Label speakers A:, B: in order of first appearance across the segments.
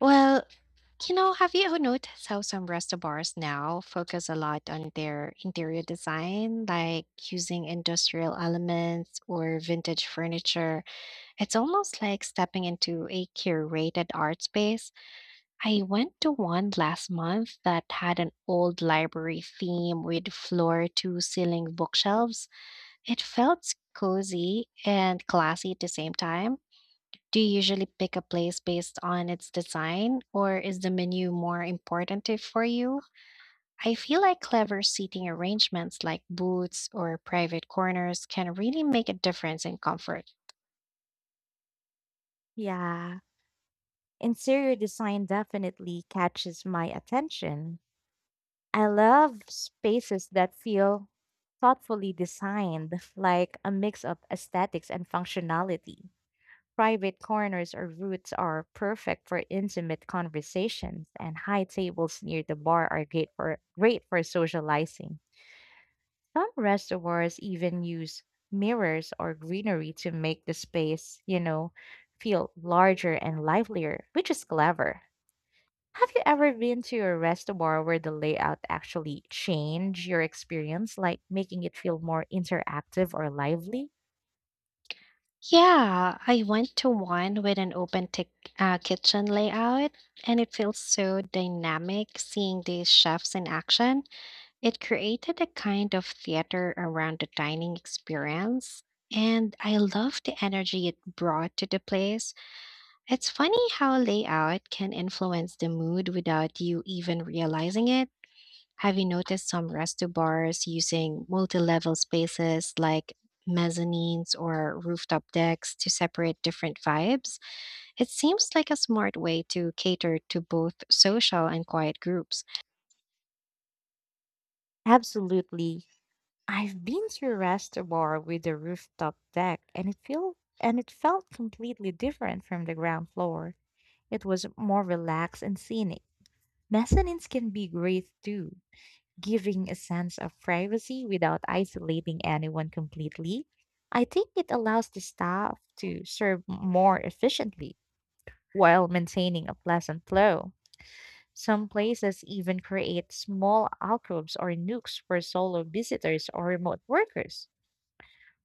A: Well, have you noticed how some restaurants now focus a lot on their interior design, like using industrial elements or vintage furniture? It's almost like stepping into a curated art space. I went to one last month that had an old library theme with floor to ceiling bookshelves. It felt cozy and classy at the same time. Do you usually pick a place based on its design, or is the menu more important for you? I feel like clever seating arrangements like booths or private corners can really make a difference in comfort.
B: Yeah, interior design definitely catches my attention. I love spaces that feel thoughtfully designed, like a mix of aesthetics and functionality. Private corners or routes are perfect for intimate conversations, and high tables near the bar are great for socializing. Some restaurants even use mirrors or greenery to make the space feel larger and livelier, which is clever. Have you ever been to a restaurant where the layout actually changed your experience, like making it feel more interactive or lively?
A: Yeah, I went to one with an open kitchen layout, and it feels so dynamic seeing these chefs in action. It created a kind of theater around the dining experience, and I love the energy it brought to the place. It's funny how layout can influence the mood without you even realizing it. Have you noticed some resto bars using multi level spaces like mezzanines or rooftop decks to separate different vibes? It seems like a smart way to cater to both social and quiet groups.
B: Absolutely. I've been to a restaurant with a rooftop deck and it feel and it felt completely different from the ground floor. It was more relaxed and scenic. Mezzanines can be great too, giving a sense of privacy without isolating anyone completely. I think it allows the staff to serve more efficiently while maintaining a pleasant flow. Some places even create small alcoves or nooks for solo visitors or remote workers.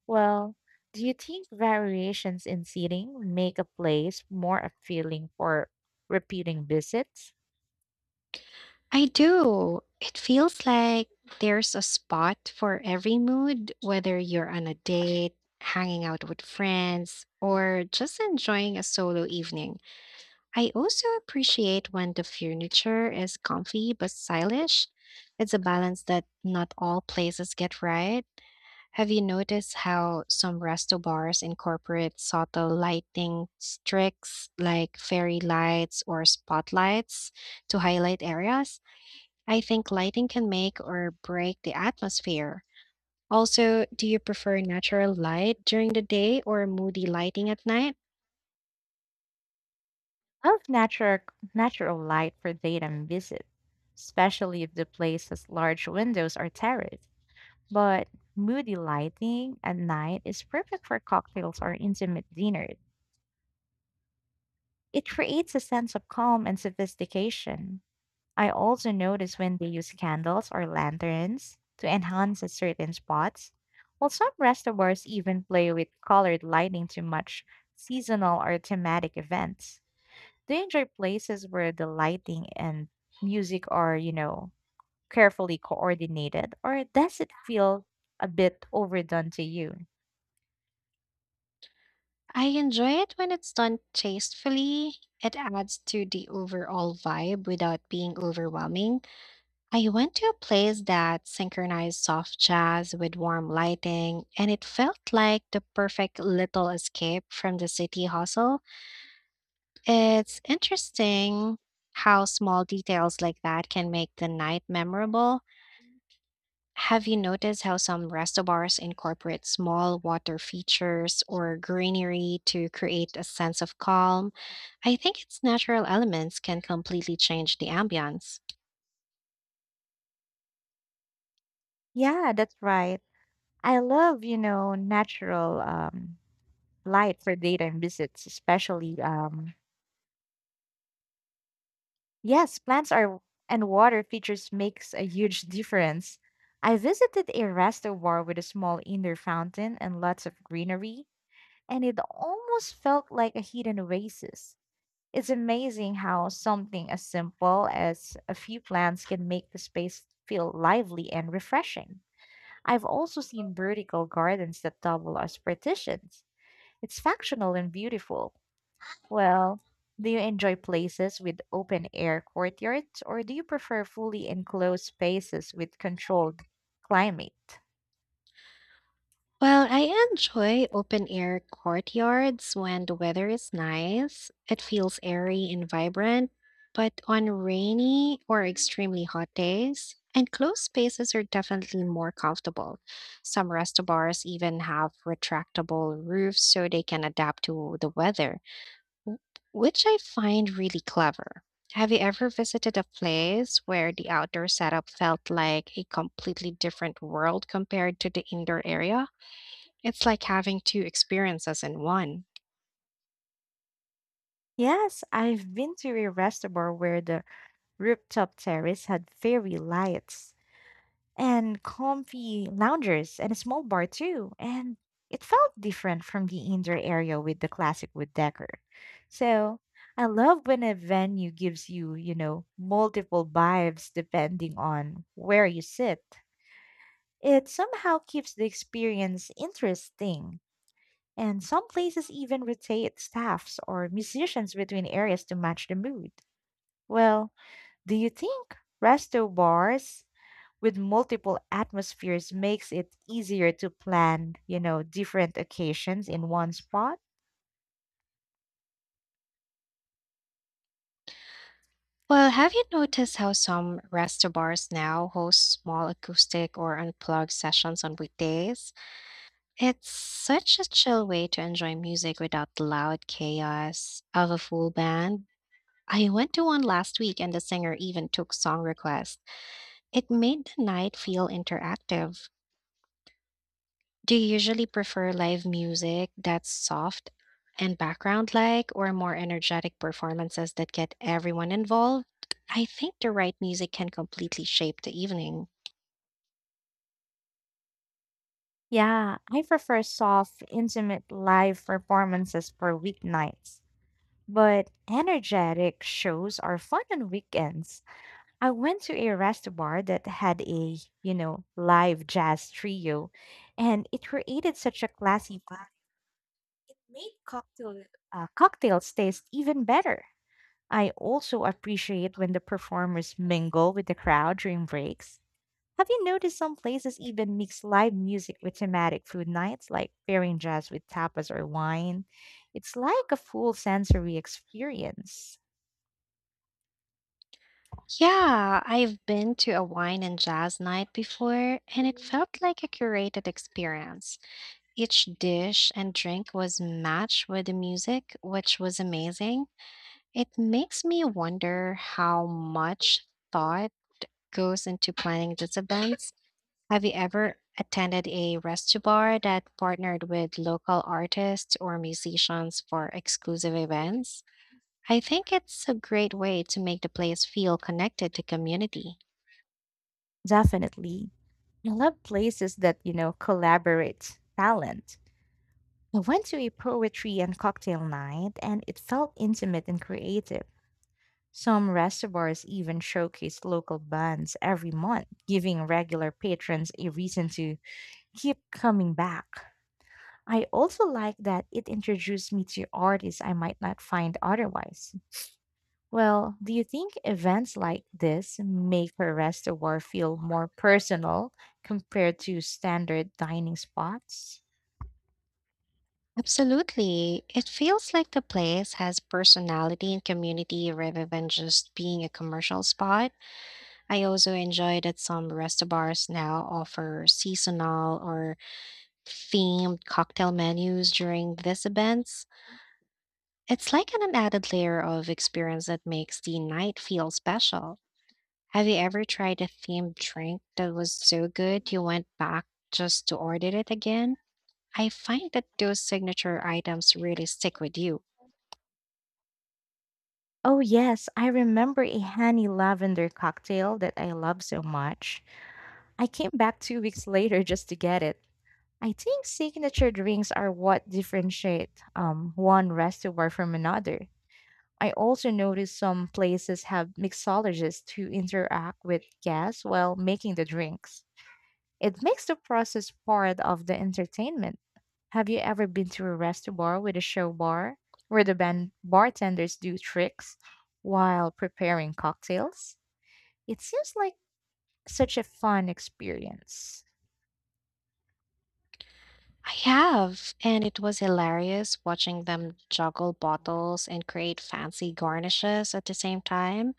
B: Well, do you think variations in seating make a place more appealing for repeating visits?
A: I do. It feels like there's a spot for every mood, whether you're on a date, hanging out with friends, or just enjoying a solo evening. I also appreciate when the furniture is comfy but stylish. It's a balance that not all places get right. Have you noticed how some resto bars incorporate subtle lighting tricks like fairy lights or spotlights to highlight areas? I think lighting can make or break the atmosphere. Also, do you prefer natural light during the day or moody lighting at night?
B: I love natural light for daytime visits, especially if the place has large windows or terrace. But moody lighting at night is perfect for cocktails or intimate dinners. It creates a sense of calm and sophistication. I also notice when they use candles or lanterns to enhance a certain spots, while some restaurants even play with colored lighting to match seasonal or thematic events. Do you enjoy places where the lighting and music are carefully coordinated, or does it feel a bit overdone to you?
A: I enjoy it when it's done tastefully. It adds to the overall vibe without being overwhelming. I went to a place that synchronized soft jazz with warm lighting, and it felt like the perfect little escape from the city hustle. It's interesting how small details like that can make the night memorable. Have you noticed how some resto incorporate small water features or greenery to create a sense of calm? I think its natural elements can completely change the ambience.
B: Yeah, that's right. I love natural light for daytime visits, especially. Yes, plants are and water features makes a huge difference. I visited a reservoir with a small indoor fountain and lots of greenery, and it almost felt like a hidden oasis. It's amazing how something as simple as a few plants can make the space feel lively and refreshing. I've also seen vertical gardens that double as partitions. It's functional and beautiful. Well, do you enjoy places with open air courtyards or do you prefer fully enclosed spaces with controlled climate?
A: Well, I enjoy open air courtyards when the weather is nice. It feels airy and vibrant, but on rainy or extremely hot days, enclosed spaces are definitely more comfortable. Some resto bars even have retractable roofs so they can adapt to the weather. w- which I find really clever. Have you ever visited a place where the outdoor setup felt like a completely different world compared to the indoor area? It's like having two experiences in one.
B: Yes, I've been to a restaurant where the rooftop terrace had fairy lights and comfy loungers and a small bar too. And it felt different from the indoor area with the classic wood decor. So I love when a venue gives you multiple vibes depending on where you sit. It somehow keeps the experience interesting, and some places even rotate staffs or musicians between areas to match the mood. Well, do you think resto bars with multiple atmospheres makes it easier to plan different occasions in one spot?
A: Well, have you noticed how some resto bars now host small acoustic or unplugged sessions on weekdays? It's such a chill way to enjoy music without the loud chaos of a full band. I went to one last week and the singer even took song requests. It made the night feel interactive. Do you usually prefer live music that's soft and background like, or more energetic performances that get everyone involved? I think the right music can completely shape the evening.
B: Yeah, I prefer soft, intimate live performances for weeknights, but energetic shows are fun on weekends. I went to a rest bar that had a live jazz trio, and it created such a classy vibe. It made cocktails taste even better. I also appreciate when the performers mingle with the crowd during breaks. Have you noticed some places even mix live music with thematic food nights, like pairing jazz with tapas or wine? It's like a full sensory experience.
A: Yeah, I've been to a wine and jazz night before, and it felt like a curated experience. Each dish and drink was matched with the music, which was amazing. It makes me wonder how much thought goes into planning these events. Have you ever attended a resto bar that partnered with local artists or musicians for exclusive events? I think it's a great way to make the place feel connected to community.
B: Definitely. I love places that collaborate talent. I went to a poetry and cocktail night and it felt intimate and creative. Some restaurants even showcase local bands every month, giving regular patrons a reason to keep coming back. I also like that it introduced me to artists I might not find otherwise. Well, do you think events like this make a reservoir feel more personal compared to standard dining spots?
A: Absolutely. It feels like the place has personality and community rather than just being a commercial spot. I also enjoy that some resto bars now offer seasonal or themed cocktail menus during these events. It's like an added layer of experience that makes the night feel special. Have you ever tried a themed drink that was so good you went back just to order it again? I find that those signature items really stick with you.
B: Oh, yes, I remember a honey lavender cocktail that I love so much. I came back 2 weeks later just to get it. I think signature drinks are what differentiate one reservoir from another. I also noticed some places have mixologists to interact with guests while making the drinks. It makes the process part of the entertainment. Have you ever been to a restaurant bar with a show bar where the bartenders do tricks while preparing cocktails? It seems like such a fun experience.
A: I have, and it was hilarious watching them juggle bottles and create fancy garnishes at the same time.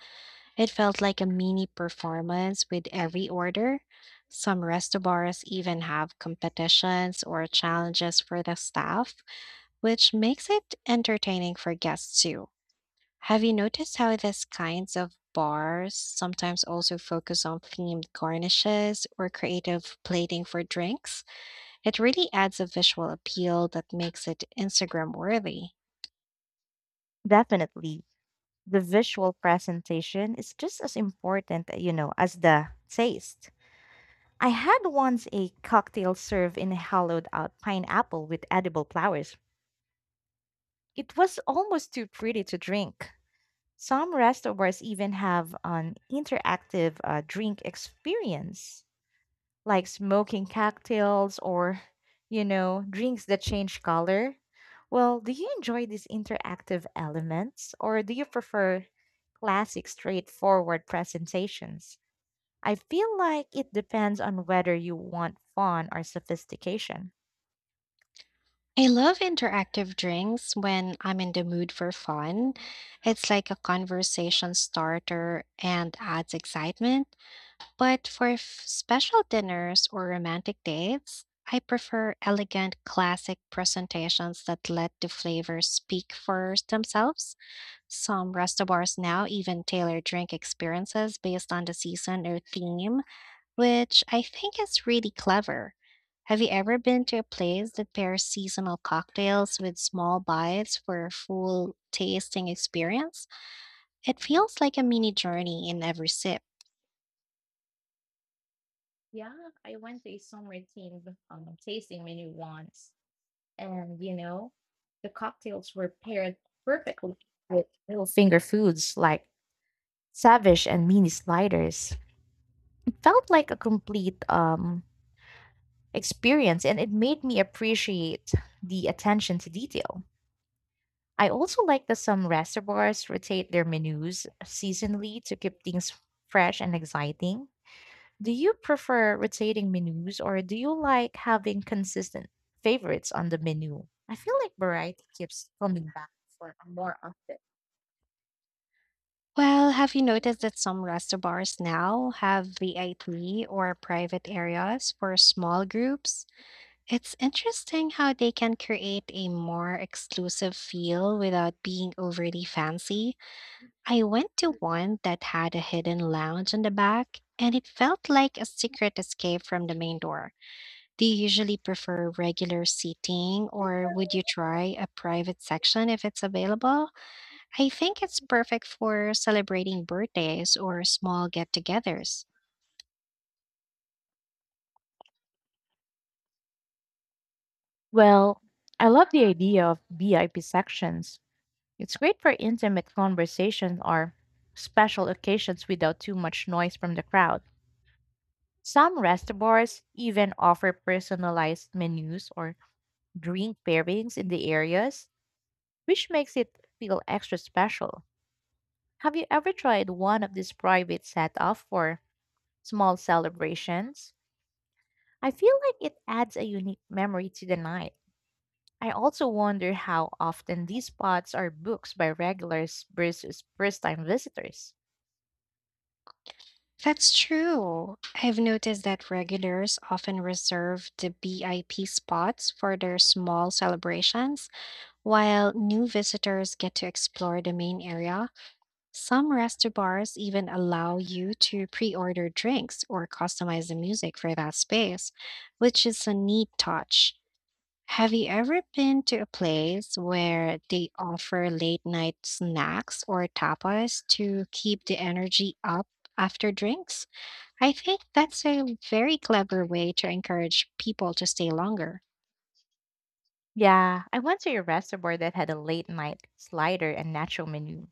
A: It felt like a mini performance with every order. Some restaurants even have competitions or challenges for the staff, which makes it entertaining for guests too. Have you noticed how these kinds of bars sometimes also focus on themed garnishes or creative plating for drinks? It really adds a visual appeal that makes it Instagram worthy.
B: Definitely. The visual presentation is just as important, as the taste. I had once a cocktail served in a hollowed out pineapple with edible flowers. It was almost too pretty to drink. Some restaurants even have an interactive drink experience, like smoking cocktails or drinks that change color. Well, do you enjoy these interactive elements or do you prefer classic, straightforward presentations? I feel like it depends on whether you want fun or sophistication.
A: I love interactive drinks when I'm in the mood for fun. It's like a conversation starter and adds excitement. But special dinners or romantic dates, I prefer elegant classic presentations that let the flavors speak for themselves. Some restaurants now even tailor drink experiences based on the season or theme, which I think is really clever. Have you ever been to a place that pairs seasonal cocktails with small bites for a full tasting experience? It feels like a mini journey in every sip.
B: Yeah, I went to a summer themed tasting menu once. And the cocktails were paired perfectly with little finger foods like Savage and mini sliders. It felt like a complete experience, and it made me appreciate the attention to detail. I also like that some restaurants rotate their menus seasonally to keep things fresh and exciting. Do you prefer rotating menus or do you like having consistent favorites on the menu? I feel like variety keeps coming back for more often.
A: Well, have you noticed that some resto bars now have VIP or private areas for small groups? It's interesting how they can create a more exclusive feel without being overly fancy. I went to one that had a hidden lounge on the back, and it felt like a secret escape from the main door. Do you usually prefer regular seating, or would you try a private section if it's available? I think it's perfect for celebrating birthdays or small get togethers.
B: Well, I love the idea of VIP sections. It's great for intimate conversations or special occasions without too much noise from the crowd. Some restaurants even offer personalized menus or drink pairings in the areas, which makes it feel extra special. Have you ever tried one of these private setup for small celebrations? I feel like it adds a unique memory to the night. I also wonder how often these spots are booked by regulars versus first-time visitors.
A: That's true. I've noticed that regulars often reserve the VIP spots for their small celebrations, while new visitors get to explore the main area. Some resto bars even allow you to pre order drinks or customize the music for that space, which is a neat touch. Have you ever been to a place where they offer late night snacks or tapas to keep the energy up after drinks? I think that's a very clever way to encourage people to stay longer.
B: Yeah, I went to a restaurant that had a late night slider and natural menu,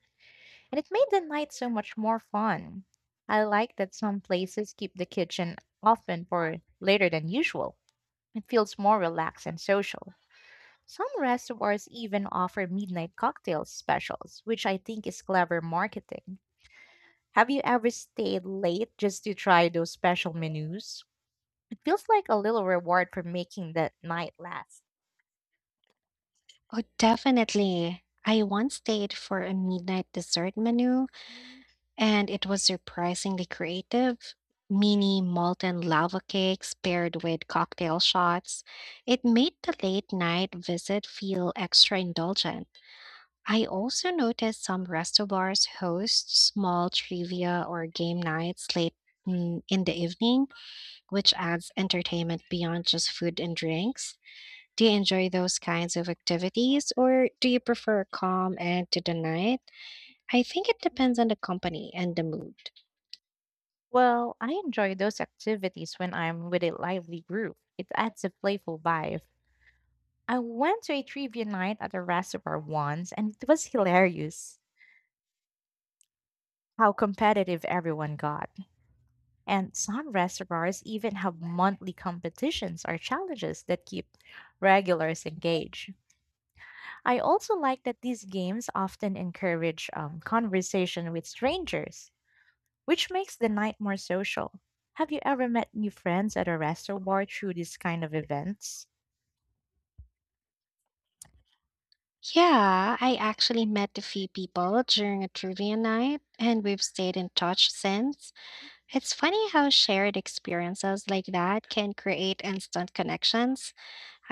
B: and it made the night so much more fun. I like that some places keep the kitchen open for later than usual. It feels more relaxed and social. Some restaurants even offer midnight cocktail specials, which I think is clever marketing. Have you ever stayed late just to try those special menus? It feels like a little reward for making that night last.
A: Oh, definitely. I once stayed for a midnight dessert menu and it was surprisingly creative. Mini molten lava cakes paired with cocktail shots. It made the late night visit feel extra indulgent. I also noticed some resto bars host small trivia or game nights late, in the evening, which adds entertainment beyond just food and drinks. Do you enjoy those kinds of activities or do you prefer calm and to the night? I think it depends on the company and the mood.
B: Well, I enjoy those activities when I'm with a lively group. It adds a playful vibe. I went to a trivia night at a restaurant once, and it was hilarious how competitive everyone got. And some reservoirs even have monthly competitions or challenges that keep regulars engaged. I also like that these games often encourage conversation with strangers, which makes the night more social. Have you ever met new friends at a reservoir through these kind of events?
A: Yeah, I actually met a few people during a trivia night, and we've stayed in touch since. It's funny how shared experiences like that can create instant connections.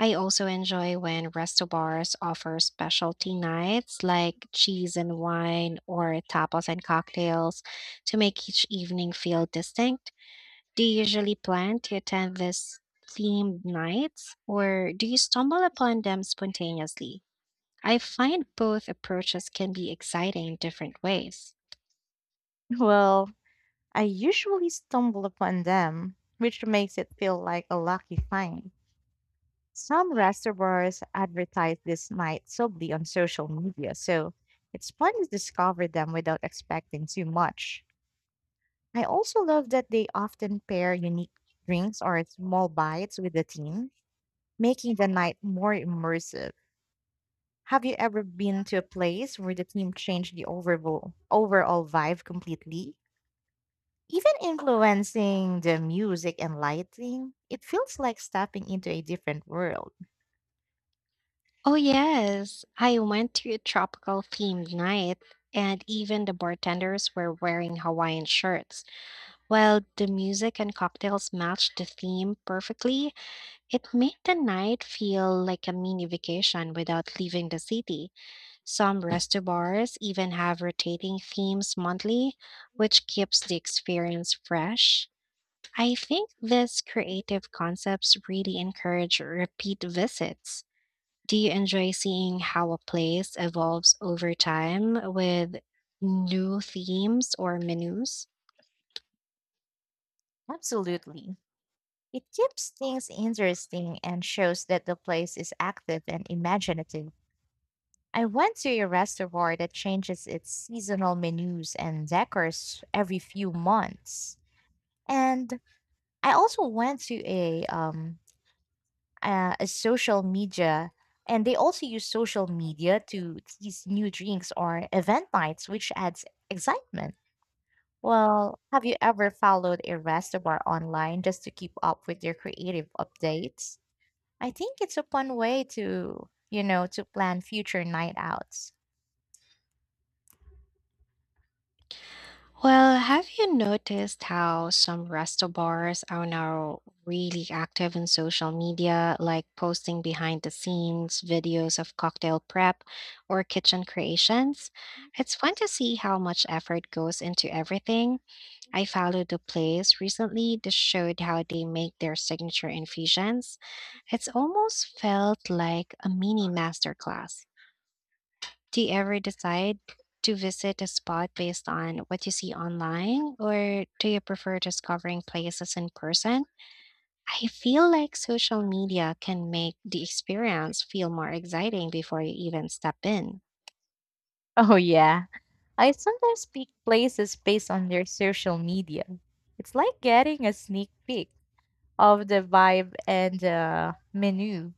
A: I also enjoy when resto bars offer specialty nights like cheese and wine or tapas and cocktails to make each evening feel distinct. Do you usually plan to attend these themed nights, or do you stumble upon them spontaneously? I find both approaches can be exciting in different ways.
B: Well, I usually stumble upon them, which makes it feel like a lucky find. Some restaurants advertise this night subtly on social media, so it's fun to discover them without expecting too much. I also love that they often pair unique drinks or small bites with the theme, making the night more immersive. Have you ever been to a place where the theme changed the overall vibe completely? Even influencing the music and lighting, it feels like stepping into a different world.
A: Oh, yes, I went to a tropical themed night, and even the bartenders were wearing Hawaiian shirts. While the music and cocktails matched the theme perfectly, it made the night feel like a mini vacation without leaving the city. Some resto bars even have rotating themes monthly, which keeps the experience fresh. I think these creative concepts really encourage repeat visits. Do you enjoy seeing how a place evolves over time with new themes or menus?
B: Absolutely. It keeps things interesting and shows that the place is active and imaginative. I went to a restaurant that changes its seasonal menus and decors every few months. And I also went to a social media, and they also use social media to tease new drinks or event nights, which adds excitement. Well, have you ever followed a restaurant online just to keep up with their creative updates? I think it's a fun way to plan future night outs.
A: Well, have you noticed how some resto bars are now really active in social media, like posting behind the scenes videos of cocktail prep or kitchen creations? It's fun to see how much effort goes into everything. I followed a place recently that showed how they make their signature infusions. It's almost felt like a mini masterclass. Do you ever decide to visit a spot based on what you see online, or do you prefer discovering places in person? I feel like social media can make the experience feel more exciting before you even step in.
B: Oh, yeah. I sometimes pick places based on their social media. It's like getting a sneak peek of the vibe and the menu.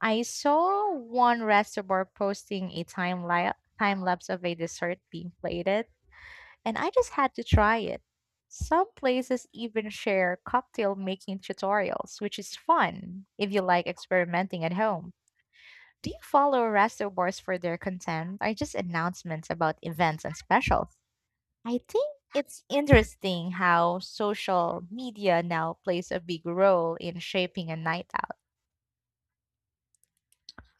B: I saw one restaurant posting a time lapse of a dessert being plated, and I just had to try it. Some places even share cocktail making tutorials, which is fun if you like experimenting at home. Do you follow reservoirs for their content or just announcements about events and specials? I think it's interesting how social media now plays a big role in shaping a night out.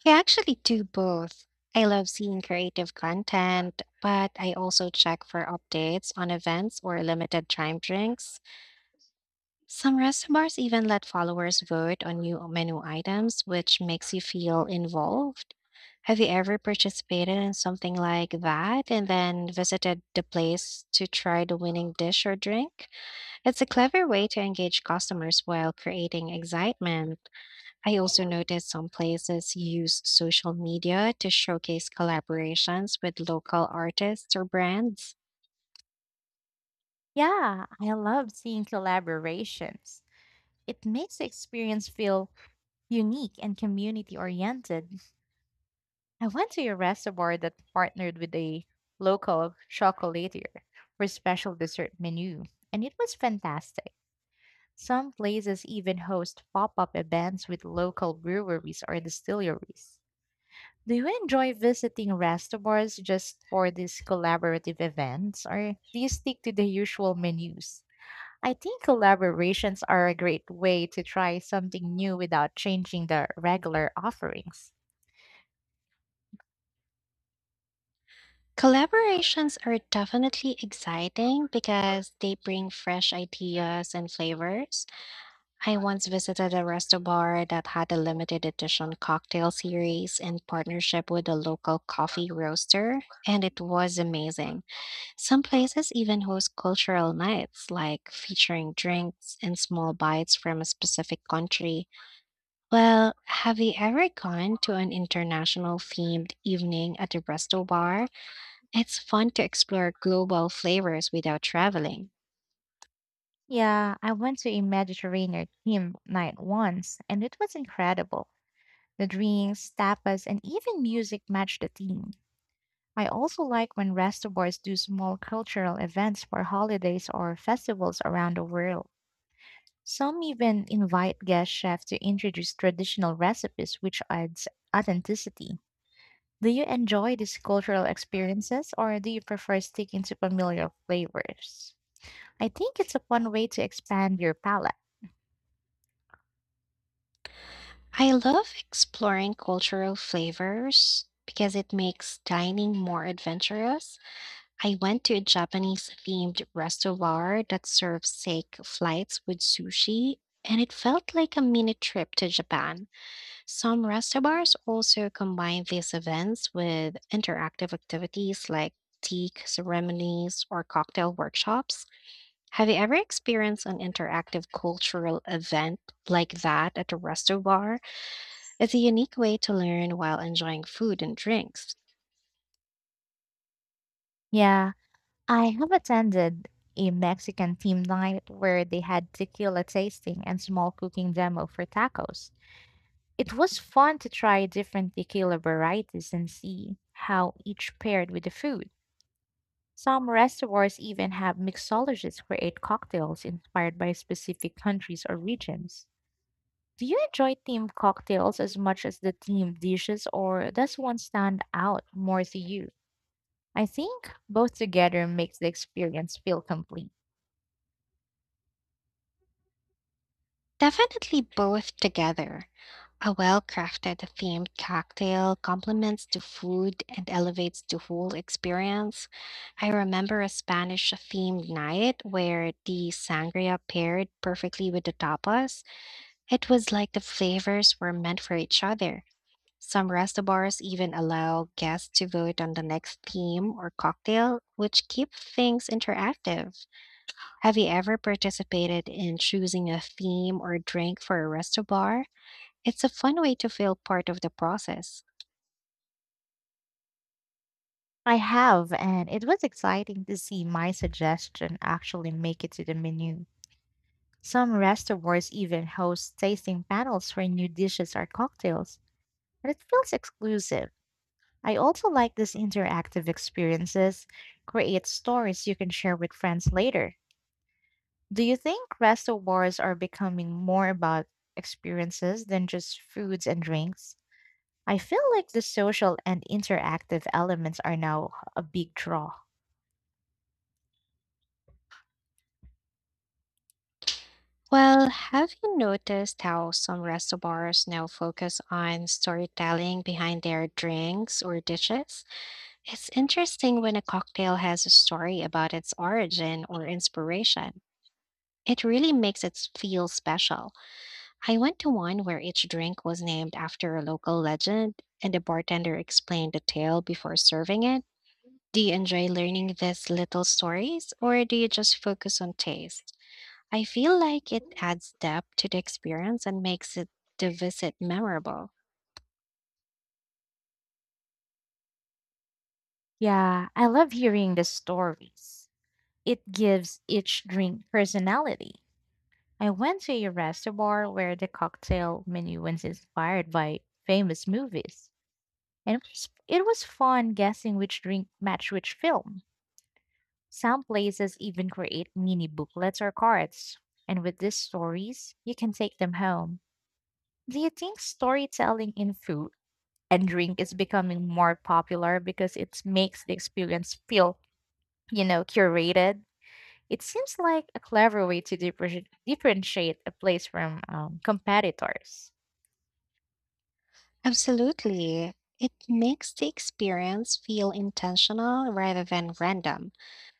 A: I actually do both. I love seeing creative content, but I also check for updates on events or limited time drinks. Some restaurants even let followers vote on new menu items, which makes you feel involved. Have you ever participated in something like that and then visited the place to try the winning dish or drink? It's a clever way to engage customers while creating excitement. I also noticed some places use social media to showcase collaborations with local artists or brands.
B: Yeah, I love seeing collaborations. It makes the experience feel unique and community oriented. I went to a reservoir that partnered with a local chocolatier for a special dessert menu, and it was fantastic. Some places even host pop up events with local breweries or distilleries. Do you enjoy visiting restaurants just for these collaborative events, or do you stick to the usual menus? I think collaborations are a great way to try something new without changing the regular offerings.
A: Collaborations are definitely exciting because they bring fresh ideas and flavors. I once visited a resto bar that had a limited edition cocktail series in partnership with a local coffee roaster, and it was amazing. Some places even host cultural nights, like featuring drinks and small bites from a specific country. Well, have you ever gone to an international themed evening at a resto bar? It's fun to explore global flavors without traveling.
B: Yeah, I went to a Mediterranean theme night once, and it was incredible. The drinks, tapas, and even music matched the theme. I also like when reservoirs do small cultural events for holidays or festivals around the world. Some even invite guest chefs to introduce traditional recipes, which adds authenticity. Do you enjoy these cultural experiences or do you prefer sticking to familiar flavors? I think it's a fun way to expand your palate.
A: I love exploring cultural flavors because it makes dining more adventurous. I went to a Japanese themed restaurant that serves sake flights with sushi, and it felt like a mini trip to Japan. Some restaurants also combine these events with interactive activities like tea ceremonies or cocktail workshops. Have you ever experienced an interactive cultural event like that at a restaurant? It's a unique way to learn while enjoying food and drinks.
B: Yeah, I have attended a Mexican team night where they had tequila tasting and small cooking demo for tacos. It was fun to try different tequila varieties and see how each paired with the food. Some reservoirs even have mixologists create cocktails inspired by specific countries or regions. Do you enjoy themed cocktails as much as the themed dishes, or does one stand out more to you? I think both together makes the experience feel complete.
A: Definitely both together. A well-crafted themed cocktail complements the food and elevates the whole experience. I remember a Spanish themed night where the sangria paired perfectly with the tapas. It was like the flavors were meant for each other. Some restaurants even allow guests to vote on the next theme or cocktail, which keep things interactive. Have you ever participated in choosing a theme or drink for a resto bar? It's a fun way to feel part of the process.
B: I have, and it was exciting to see my suggestion actually make it to the menu. Some restaurants even host tasting panels for new dishes or cocktails, and it feels exclusive. I also like these interactive experiences, create stories you can share with friends later. Do you think restaurants are becoming more about experiences than just foods and drinks? I feel like the social and interactive elements are now a big draw.
A: Well, have you noticed how some restaurants now focus on storytelling behind their drinks or dishes? It's interesting when a cocktail has a story about its origin or inspiration. It really makes it feel special. I went to one where each drink was named after a local legend and the bartender explained the tale before serving it. Do you enjoy learning these little stories or do you just focus on taste? I feel like it adds depth to the experience and makes it the visit memorable.
B: Yeah, I love hearing the stories. It gives each drink personality. I went to a restaurant where the cocktail menu was inspired by famous movies, and it was fun guessing which drink matched which film. Some places even create mini booklets or cards, and with these stories, you can take them home. Do you think storytelling in food and drink is becoming more popular because it makes the experience feel, curated? It seems like a clever way to differentiate a place from competitors.
A: Absolutely. It makes the experience feel intentional rather than random.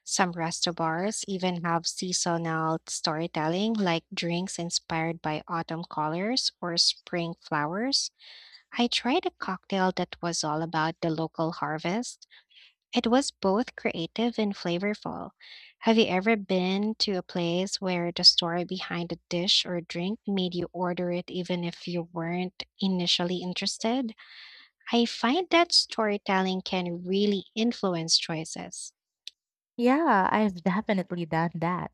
A: Some resto bars even have seasonal storytelling, like drinks inspired by autumn colors or spring flowers. I tried a cocktail that was all about the local harvest. It was both creative and flavorful. Have you ever been to a place where the story behind a dish or drink made you order it even if you weren't initially interested? I find that storytelling can really influence choices.
B: Yeah, I've definitely done that.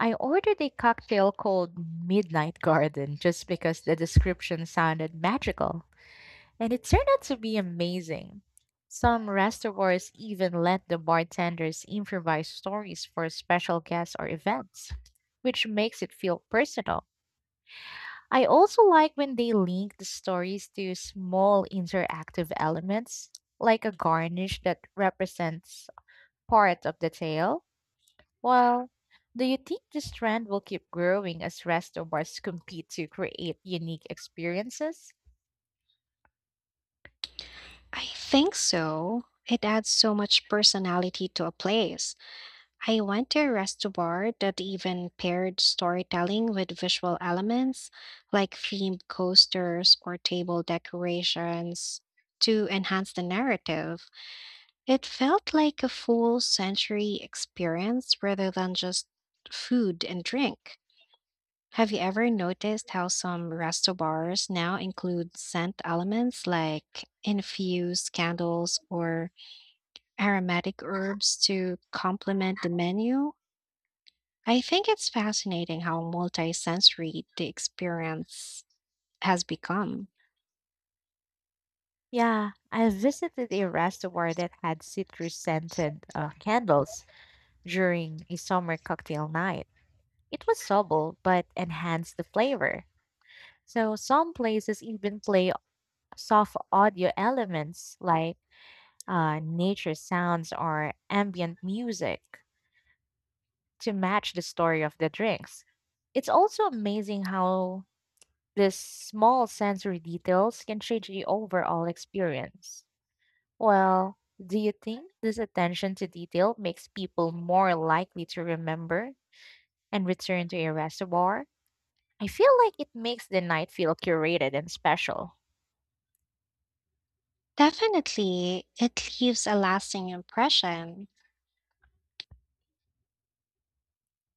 B: I ordered a cocktail called Midnight Garden just because the description sounded magical, and it turned out to be amazing. Some restaurants even let the bartenders improvise stories for special guests or events, which makes it feel personal. I also like when they link the stories to small interactive elements, like a garnish that represents part of the tale. Well, do you think this trend will keep growing as resto bars compete to create unique experiences?
A: I think so. It adds so much personality to a place. I went to a restaurant that even paired storytelling with visual elements like themed coasters or table decorations to enhance the narrative. It felt like a full sensory experience rather than just food and drink. Have you ever noticed how some resto bars now include scent elements like infused candles or aromatic herbs to complement the menu? I think it's fascinating how multisensory the experience has become.
B: Yeah, I visited a restaurant that had citrus scented candles during a summer cocktail night. It was subtle but enhanced the flavor. So some places even play soft audio elements like nature sounds or ambient music to match the story of the drinks. It's also amazing how these small sensory details can change the overall experience. Well, do you think this attention to detail makes people more likely to remember and return to a reservoir? I feel like it makes the night feel curated and special.
A: Definitely, it leaves a lasting impression.